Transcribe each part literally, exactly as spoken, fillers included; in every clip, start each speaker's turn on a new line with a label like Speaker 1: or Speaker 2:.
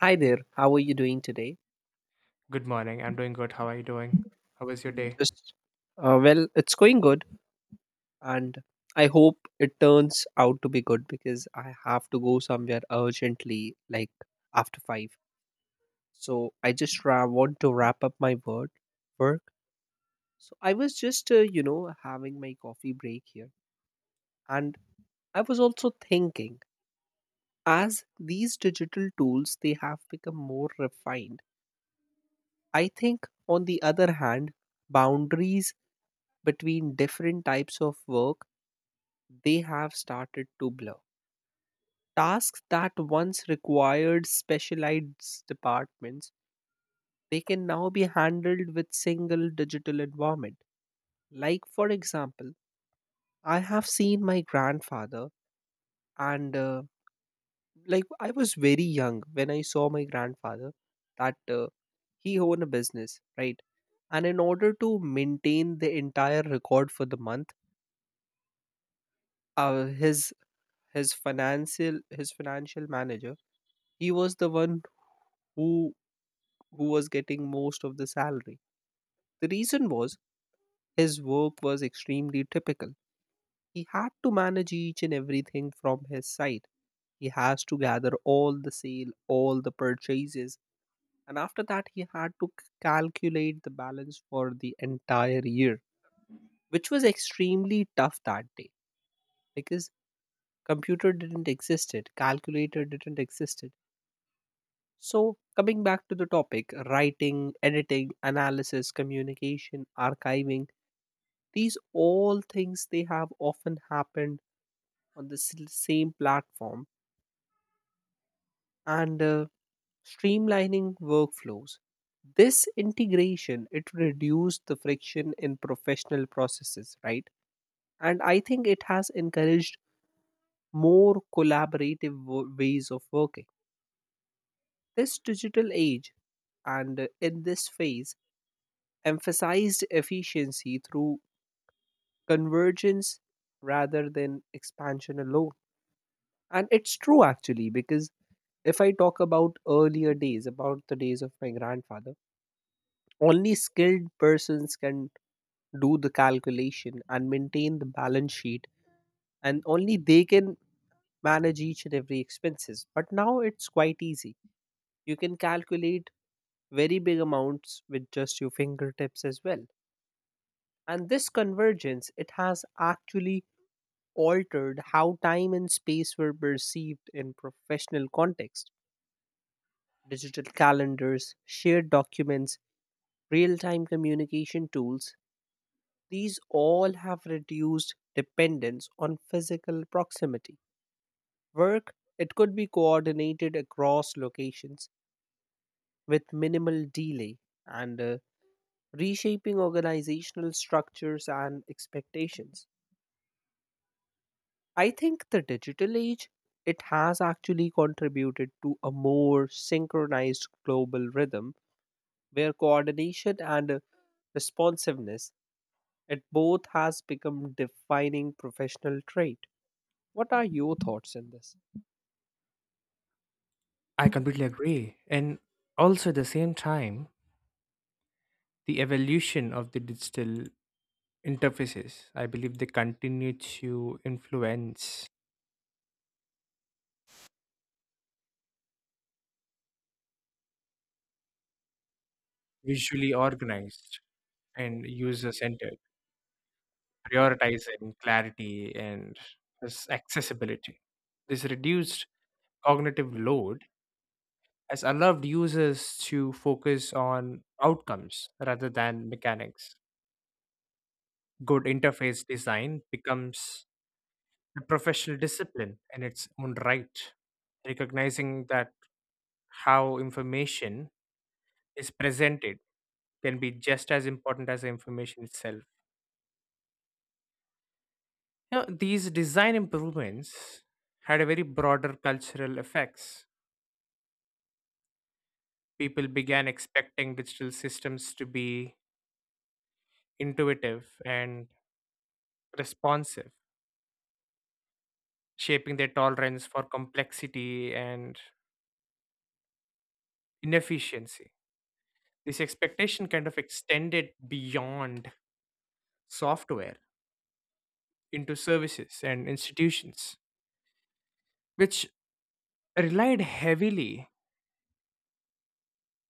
Speaker 1: Hi there, how are you doing today?
Speaker 2: Good morning. I'm doing good. How are you doing? How was your
Speaker 1: Mm,
Speaker 2: day?
Speaker 1: Just uh, well, it's going good, and I hope it turns out to be good because I have to go somewhere urgently, like after five. So I just ra- want to wrap up my word work. So I was just, uh, you know, having my coffee break here, and I was also thinking, as these digital tools they have become more refined. I think, on the other hand, boundaries between different types of work, they have started to blur. Tasks that once required specialized departments, they can now be handled with single digital environment. Like for example, I have seen my grandfather and uh, like I was very young when I saw my grandfather that uh, he owned a business, right? And in order to maintain the entire record for the month, uh, his his financial his financial manager, he was the one who who was getting most of the salary. The reason was his work was extremely typical. He had to manage each and everything from his side. He has to gather all the sale, all the purchases, and after that he had to c- calculate the balance for the entire year, which was extremely tough that day because computer didn't exist it, calculator didn't exist it. So, coming back to the topic, writing, editing, analysis, communication, archiving, these all things they have often happened on the s- same platform and uh, streamlining workflows. This integration it reduced the friction in professional processes, right? And I think it has encouraged more collaborative wo- ways of working. This digital age and uh, in this phase emphasized efficiency through convergence rather than expansion alone. And it's true actually, because if I talk about earlier days, about the days of my grandfather, only skilled persons can do the calculation and maintain the balance sheet, and only they can manage each and every expenses. But now it's quite easy. You can calculate very big amounts with just your fingertips as well. And this convergence, it has actually altered how time and space were perceived in professional context. Digital calendars, shared documents, real time communication tools, these all have reduced dependence on physical proximity. Work, it could be coordinated across locations with minimal delay and uh, reshaping organizational structures and expectations. I think the digital age, it has actually contributed to a more synchronized global rhythm where coordination and uh, responsiveness, it both has become defining professional trait. What are your thoughts in this?
Speaker 2: I completely agree. And also, at the same time, the evolution of the digital interfaces, I believe they continue to influence visually organized and user centered, prioritizing clarity and this accessibility. This reduced cognitive load has allowed users to focus on outcomes rather than mechanics. Good interface design becomes a professional discipline in its own right, recognizing that how information is presented can be just as important as the information itself. You know, these design improvements had a very broader cultural effects. People began expecting digital systems to be intuitive and responsive, shaping their tolerance for complexity and inefficiency. This expectation kind of extended beyond software into services and institutions, which relied heavily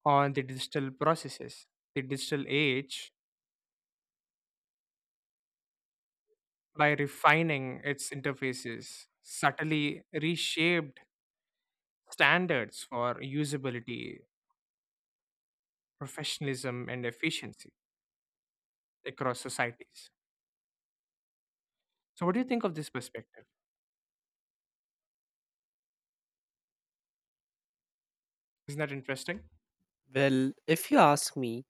Speaker 2: on the digital processes. The digital age, by refining its interfaces, subtly reshaped standards for usability, professionalism, and efficiency across societies. So, what do you think of this perspective? Isn't that interesting?
Speaker 1: Well, if you ask me,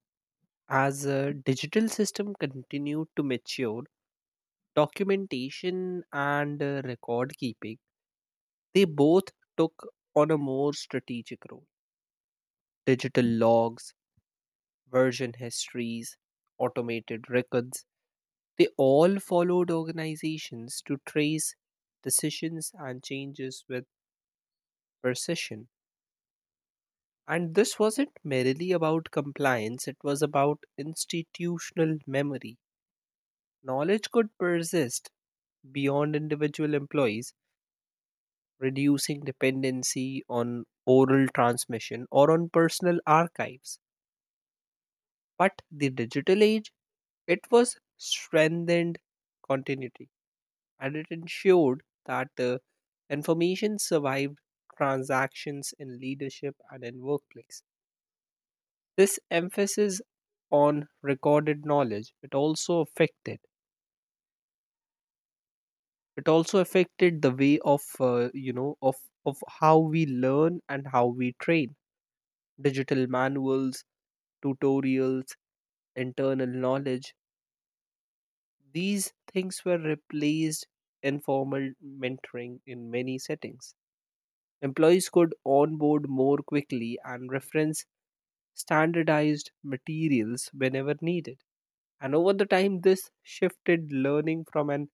Speaker 1: as a digital system continued to mature, documentation and uh, record keeping, they both took on a more strategic role. Digital logs, version histories, automated records. They all followed organizations to trace decisions and changes with precision. And this wasn't merely about compliance, it was about institutional memory. Knowledge could persist beyond individual employees, reducing dependency on oral transmission or on personal archives. But the digital age, it was strengthened continuity. And it ensured that uh, information survived transactions in leadership and in workplace. This emphasis on recorded knowledge it also affected it also affected the way of uh, you know of of how we learn and how we train digital manuals, tutorials, internal knowledge. These things were replaced informal mentoring in many settings. Employees could onboard more quickly and reference standardized materials whenever needed. And over the time, this shifted learning from an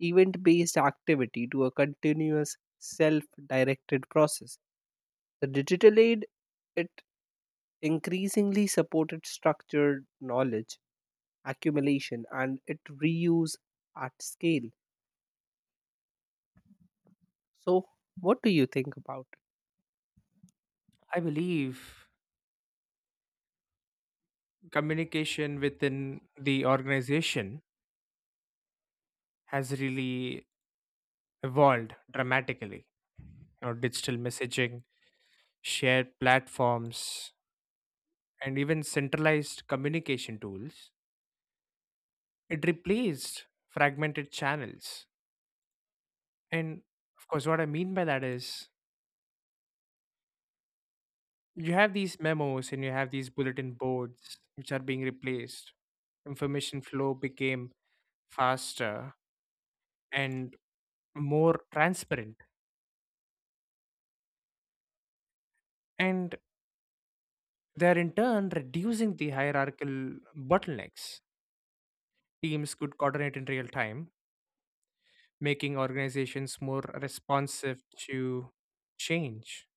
Speaker 1: event based activity to a continuous self directed process. The digital aid, it increasingly supported structured knowledge accumulation and it reuse at scale. So, what do you think about?
Speaker 2: I believe communication within the organization has really evolved dramatically. You know, digital messaging shared platforms, and even centralized communication tools, it replaced fragmented channels. And of course, what I mean by that is you have these memos and you have these bulletin boards which are being replaced. Information flow became faster and more transparent. And they're in turn reducing the hierarchical bottlenecks. Teams could coordinate in real time making organizations more responsive to change.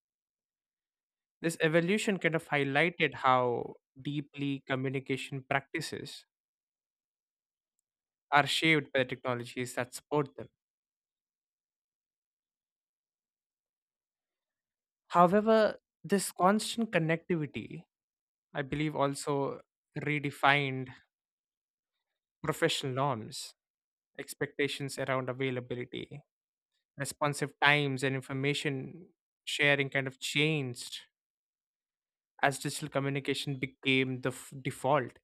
Speaker 2: This evolution kind of highlighted how deeply communication practices are shaped by the technologies that support them. However, this constant connectivity, I believe, also redefined professional norms, expectations around availability, responsive times, and information sharing kind of changed as digital communication became the f- default.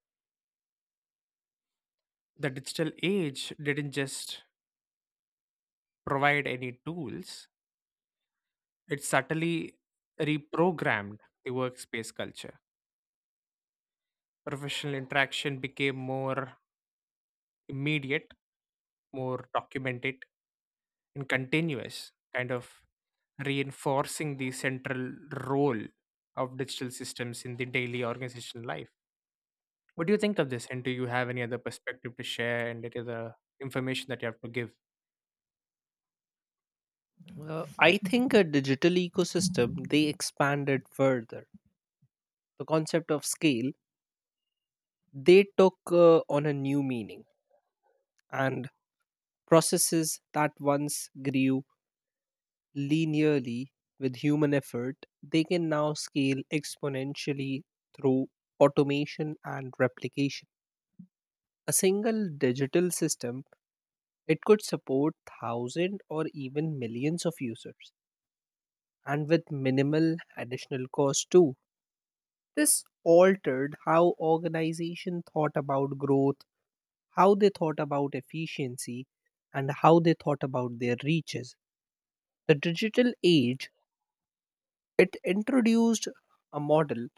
Speaker 2: The digital age didn't just provide any tools, it subtly reprogrammed the workspace culture. Professional interaction became more immediate, more documented, and continuous, kind of reinforcing the central role of digital systems in the daily organizational life. What do you think of this? And do you have any other perspective to share and any other information that you have to give?
Speaker 1: Uh, I think a digital ecosystem they expanded further. The concept of scale they took uh, on a new meaning, and processes that once grew linearly with human effort they can now scale exponentially through automation and replication. A single digital system it could support thousand or even millions of users, and with minimal additional cost too. This altered how organization thought about growth, how they thought about efficiency, and how they thought about their reaches. The digital age, it introduced a model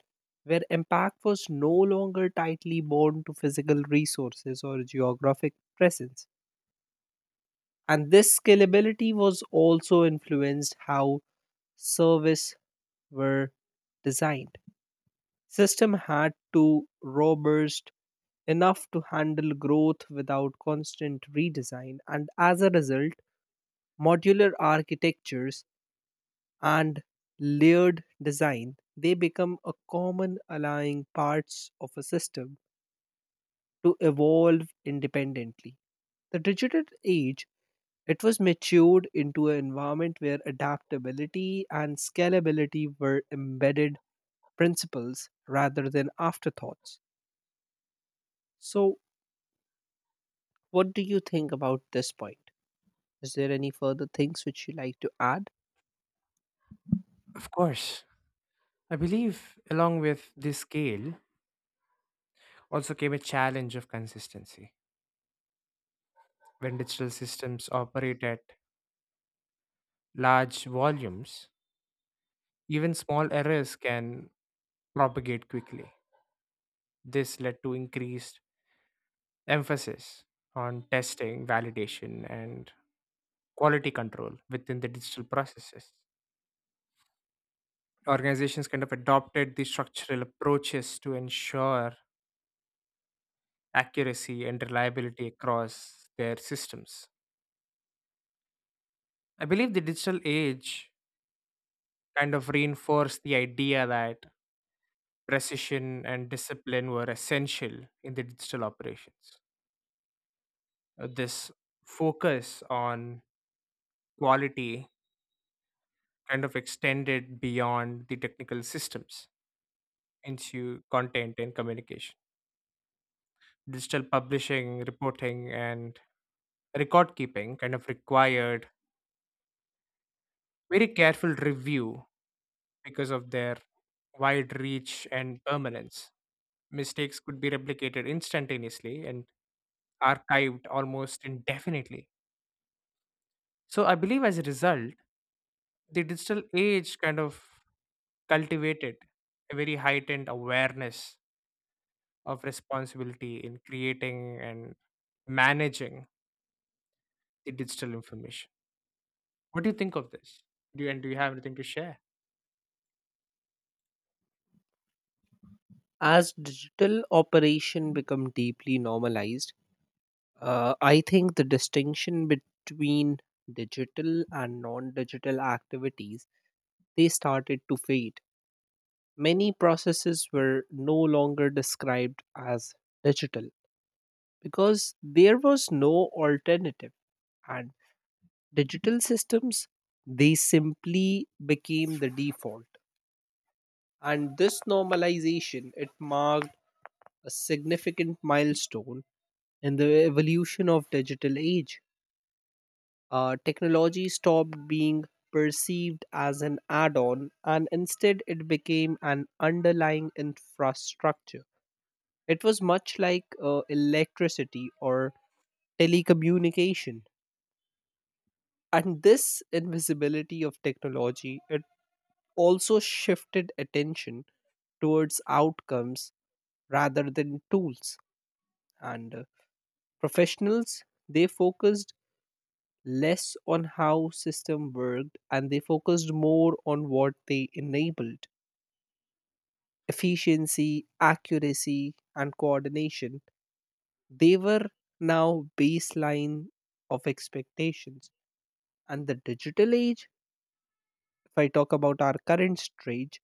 Speaker 1: where impact was no longer tightly bound to physical resources or geographic presence. And this scalability was also influenced how service were designed. System had to robust enough to handle growth without constant redesign. And as a result, modular architectures and layered design they become a common allowing parts of a system to evolve independently. The digital age it was matured into an environment where adaptability and scalability were embedded principles rather than afterthoughts. So, what do you think about this point? Is there any further things which you like to add?
Speaker 2: Of course. I believe, along with this scale, also came a challenge of consistency. When digital systems operate at large volumes, even small errors can propagate quickly. This led to increased emphasis on testing, validation, and quality control within the digital processes. Organizations kind of adopted these structural approaches to ensure accuracy and reliability across their systems. I believe the digital age kind of reinforced the idea that precision and discipline were essential in the digital operations. Uh, This focus on quality kind of extended beyond the technical systems into content and communication. Digital publishing, reporting, and record keeping kind of required very careful review because of their wide reach and permanence. Mistakes could be replicated instantaneously and archived almost indefinitely. So I believe as a result, the digital age kind of cultivated a very heightened awareness of responsibility in creating and managing the digital information. What do you think of this? Do you, and do you have anything to share?
Speaker 1: As digital operation become deeply normalized, uh, I think the distinction between digital and non-digital activities they started to fade. Many processes were no longer described as digital because there was no alternative, and digital systems they simply became the default. And this normalization it marked a significant milestone in the evolution of digital age. Uh, technology stopped being perceived as an add-on and instead it became an underlying infrastructure. It was much like uh, electricity or telecommunication. And this invisibility of technology, it also shifted attention towards outcomes rather than tools and uh, professionals they focused less on how system worked and they focused more on what they enabled efficiency accuracy and coordination they were now baseline of expectations and the digital age, if I talk about our current stage,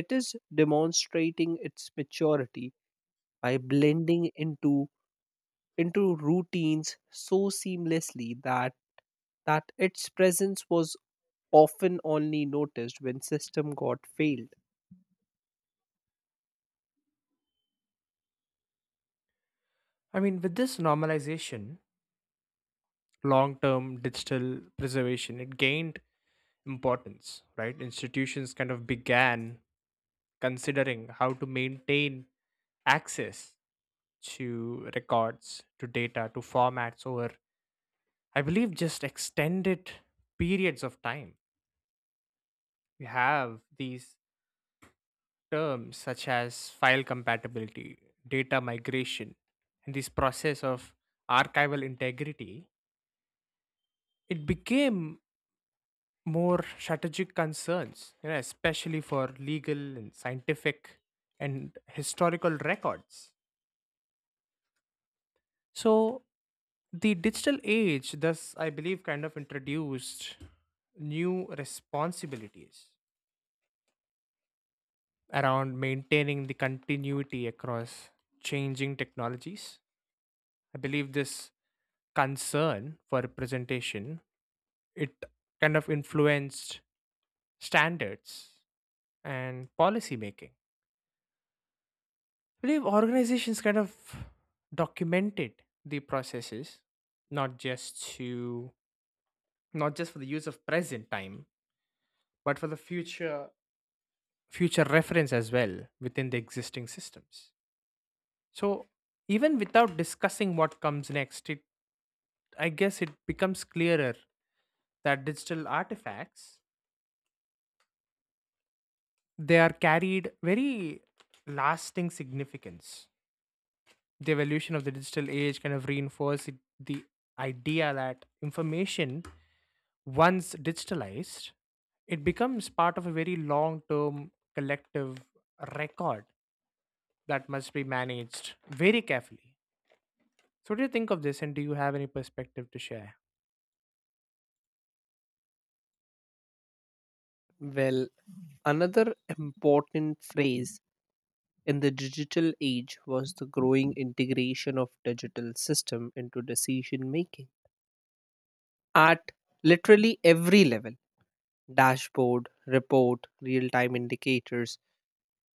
Speaker 1: it is demonstrating its maturity by blending into into routines so seamlessly that that its presence was often only noticed when system got failed.
Speaker 2: I mean, with this normalization, long term digital preservation, it gained importance, right? Institutions kind of began considering how to maintain access to records, to data, to formats over I believe just extended periods of time. We have these terms such as file compatibility, data migration, and this process of archival integrity. It became more strategic concerns, you know, especially for legal and scientific and historical records. So the digital age, thus, I believe, kind of introduced new responsibilities around maintaining the continuity across changing technologies. I believe this concern for representation it kind of influenced standards and policy making. I believe organizations kind of documented the processes not just to not just for the use of present time but for the future future reference as well within the existing systems. So even without discussing what comes next, it I guess it becomes clearer that digital artifacts they are carried very lasting significance. The evolution of the digital age kind of reinforced it- the idea that information once digitalized it becomes part of a very long term collective record that must be managed very carefully. So, what do you think of this, and do you have any perspective to share?
Speaker 1: Well, another important phrase in the digital age was the growing integration of digital system into decision making at literally every level, dashboard report real time indicators.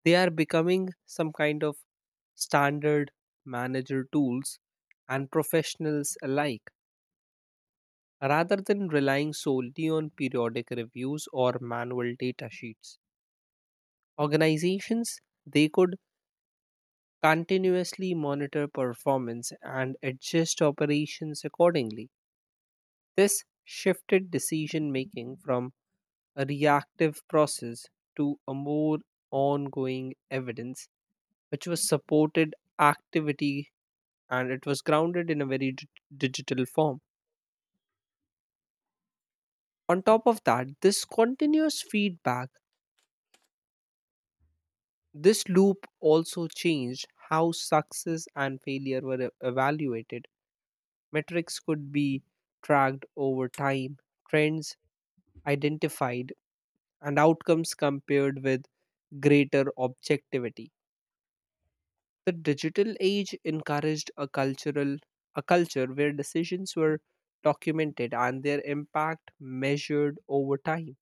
Speaker 1: They are becoming some kind of standard manager tools and professionals alike rather than relying solely on periodic reviews or manual data sheets. Organizations they could continuously monitor performance and adjust operations accordingly. This shifted decision making from a reactive process to a more ongoing evidence which was supported activity and it was grounded in a very d- digital form. On top of that, this continuous feedback, this loop also changed how success and failure were e- evaluated. Metrics could be tracked over time, trends identified, and outcomes compared with greater objectivity. The digital age encouraged a cultural a culture where decisions were documented and their impact measured over time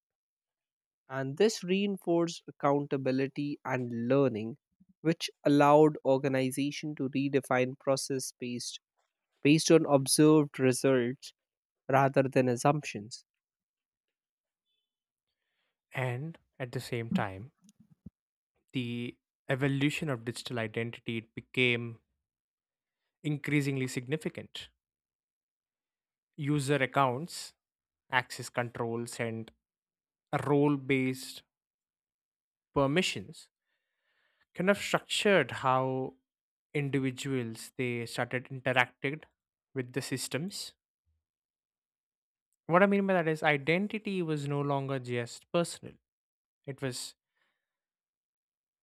Speaker 1: and this reinforced accountability and learning which allowed organization to redefine process based based on observed results rather than assumptions.
Speaker 2: And at the same time, the evolution of digital identity it became increasingly significant. User accounts, access controls, and role based permissions kind of structured how individuals they started interacting with the systems. What I mean by that is identity was no longer just personal, it was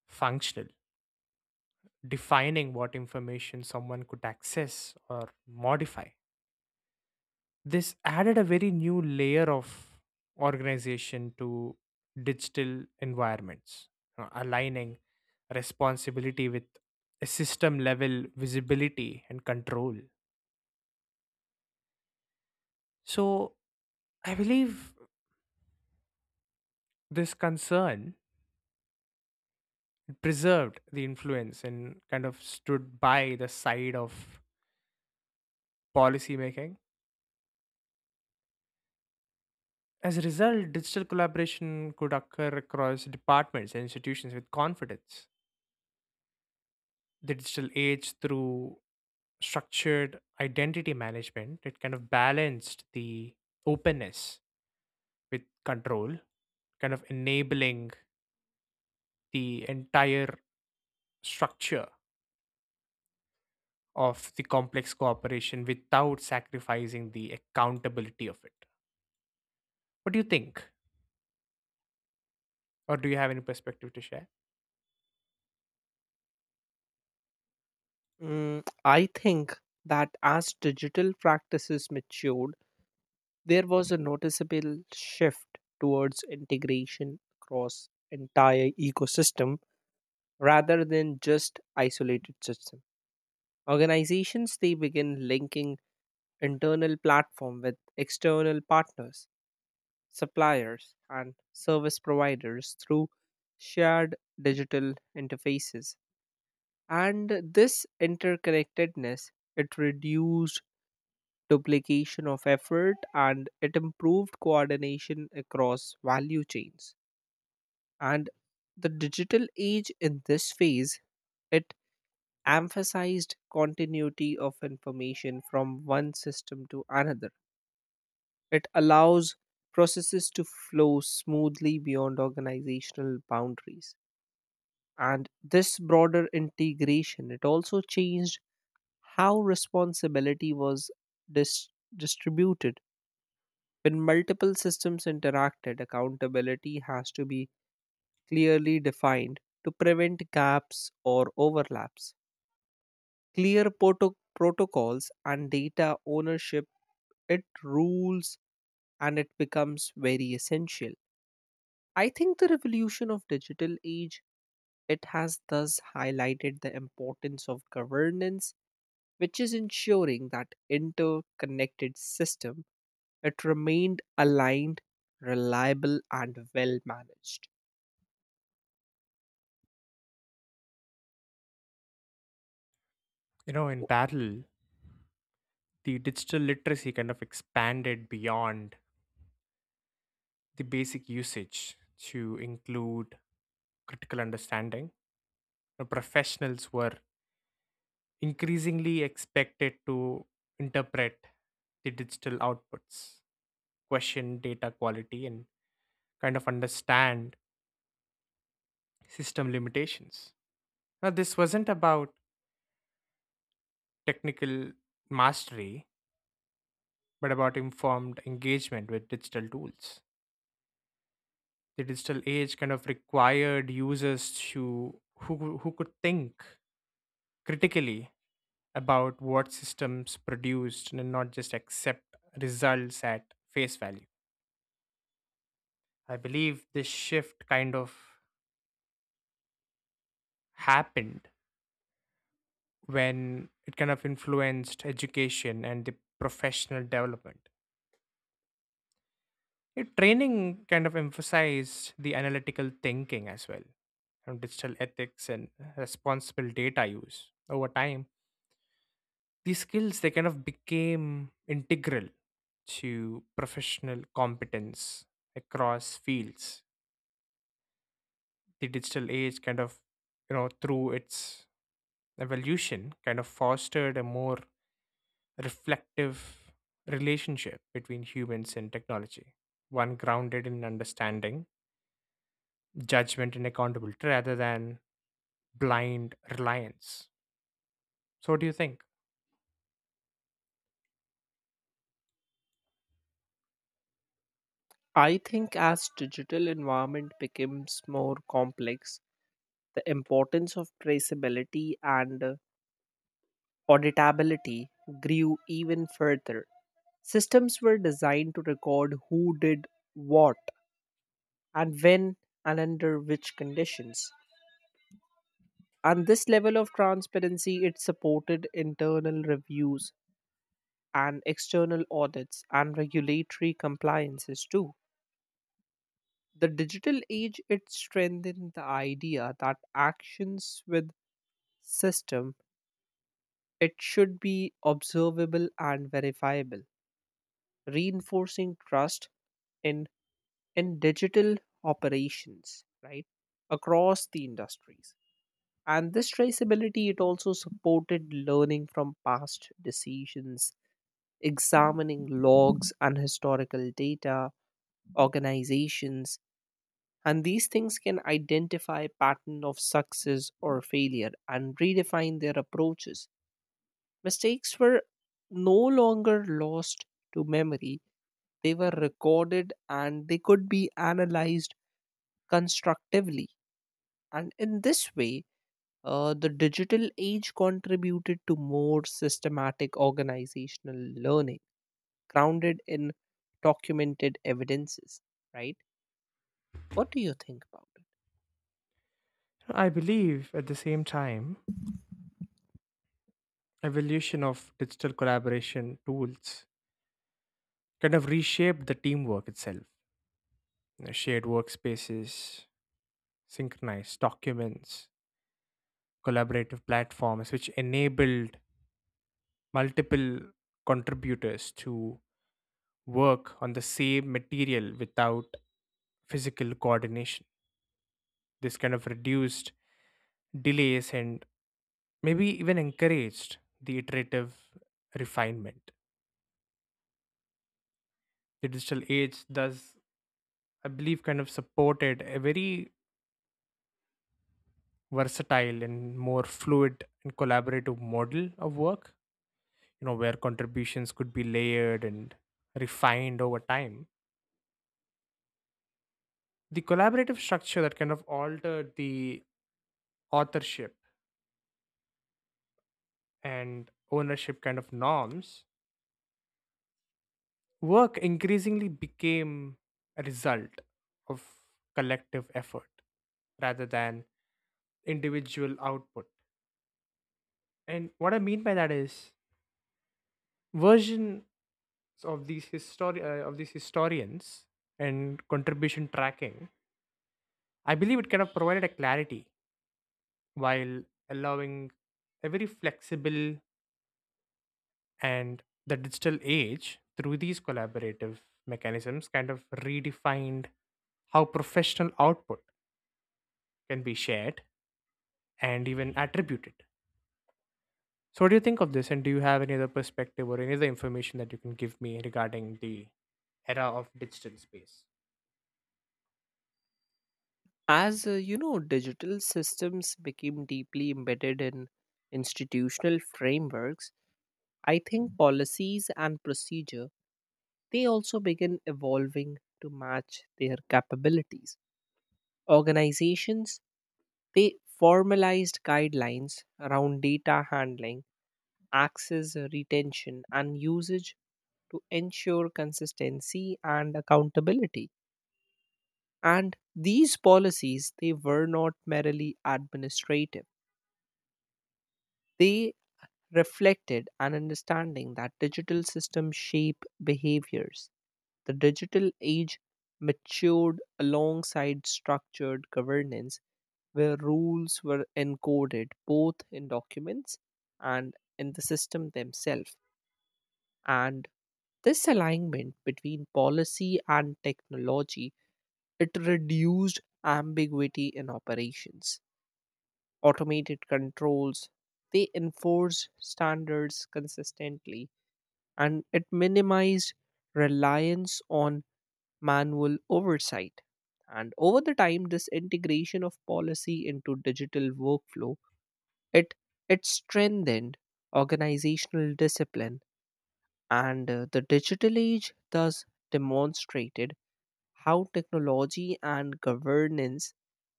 Speaker 2: functional, defining what information someone could access or modify. This added a very new layer of organization to digital environments, you know, aligning responsibility with a system level visibility and control. So I believe this concern preserved the influence and kind of stood by the side of policy making. As a result, digital collaboration could occur across departments and institutions with confidence. The digital age through structured identity management it kind of balanced the openness with control, kind of enabling the entire structure of the complex cooperation without sacrificing the accountability of it. What do you think or do you have any perspective to share?
Speaker 1: Mm, I think that as digital practices matured there was a noticeable shift towards integration across entire ecosystem rather than just isolated system. Organizations they begin linking internal platform with external partners, suppliers, and service providers through shared digital interfaces. And this interconnectedness it reduced duplication of effort and it improved coordination across value chains. And the digital age in this phase it emphasized continuity of information from one system to another. It allows processes to flow smoothly beyond organizational boundaries. And this broader integration, it also changed how responsibility was dis- distributed. When multiple systems interacted, accountability has to be clearly defined to prevent gaps or overlaps. Clear proto- protocols and data ownership, it rules and it becomes very essential. I think the revolution of digital age it has thus highlighted the importance of governance which is ensuring that interconnected system it remained aligned, reliable and well managed.
Speaker 2: You know, in
Speaker 1: So,
Speaker 2: parallel the digital literacy kind of expanded beyond the basic usage to include critical understanding. The professionals were increasingly expected to interpret the digital outputs, question data quality, and kind of understand system limitations. Now, this wasn't about technical mastery, but about informed engagement with digital tools. The digital age kind of required users to who, who could think critically about what systems produced and not just accept results at face value. I believe this shift kind of happened when it kind of influenced education and the professional development. Your training kind of emphasized the analytical thinking as well, and digital ethics and responsible data use over time. These skills they kind of became integral to professional competence across fields. The digital age kind of, you know, through its evolution kind of fostered a more reflective relationship between humans and technology, one grounded in understanding, judgment, and accountability rather than blind reliance. So, what do you think?
Speaker 1: I think as digital environment becomes more complex the importance of traceability and uh, auditability grew even further. Systems were designed to record who did what and when and under which conditions. And this level of transparency it supported internal reviews and external audits and regulatory compliances too. The digital age it strengthened the idea that actions with system it should be observable and verifiable, reinforcing trust in in digital operations, right? Across the industries. And this traceability it also supported learning from past decisions, examining logs and historical data, organizations and these things can identify pattern of success or failure and redefine their approaches. Mistakes were no longer lost to memory, they were recorded and they could be analyzed constructively, and in this way Uh, the digital age contributed to more systematic organizational learning, grounded in documented evidences, right? What do you think about it?
Speaker 2: I believe at the same time, evolution of digital collaboration tools kind of reshaped the teamwork itself. You know, shared workspaces, synchronized documents, collaborative platforms, which enabled multiple contributors to work on the same material without physical coordination. This kind of reduced delays and maybe even encouraged the iterative refinement. The digital age thus, I believe, kind of supported a very versatile and more fluid and collaborative model of work, you know, where contributions could be layered and refined over time. The collaborative structure that kind of altered the authorship and ownership kind of norms. Work increasingly became a result of collective effort rather than individual output. And what I mean by that is versions of these histori- uh, of these historians and contribution tracking. I believe it kind of provided a clarity while allowing a very flexible. And the digital age through these collaborative mechanisms kind of redefined how professional output can be shared and even attribute it. So, what do you think of this? And do you have any other perspective or any other information that you can give me regarding the era of digital space?
Speaker 1: As uh, you know, digital systems became deeply embedded in institutional frameworks. I think policies and procedure they also begin evolving to match their capabilities. Organizations they formalized guidelines around data handling, access, uh, retention and usage, to ensure consistency and accountability. And these policies they were not merely administrative, they reflected an understanding that digital systems shape behaviors. The digital age matured alongside structured governance where rules were encoded both in documents and in the system themselves, and this alignment between policy and technology it reduced ambiguity in operations. Automated controls they enforced standards consistently and it minimized reliance on manual oversight, and over the time this integration of policy into digital workflow it it strengthened organizational discipline. And uh, the digital age thus demonstrated how technology and governance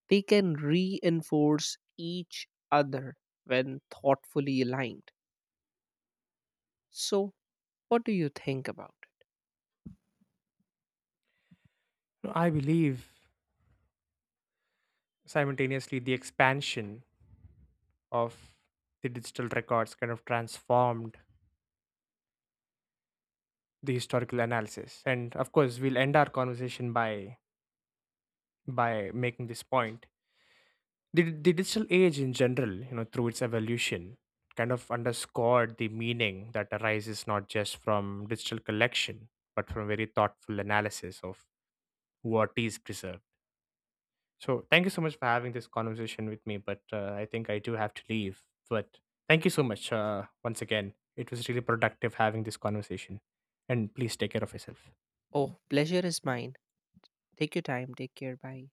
Speaker 1: they can reinforce each other when thoughtfully aligned. So, what do you think about it?
Speaker 2: No, I believe simultaneously the expansion of the digital records kind of transformed the historical analysis. And of course, we'll end our conversation by by making this point. The, the digital age in general, you know, through its evolution kind of underscored the meaning that arises not just from digital collection but from very thoughtful analysis of what is preserved. So thank you so much for having this conversation with me, but uh, I think I do have to leave. But thank you so much, uh, once again, it was really productive having this conversation, and please take care of yourself.
Speaker 1: Oh, pleasure is mine. Take your time. Take care. Bye.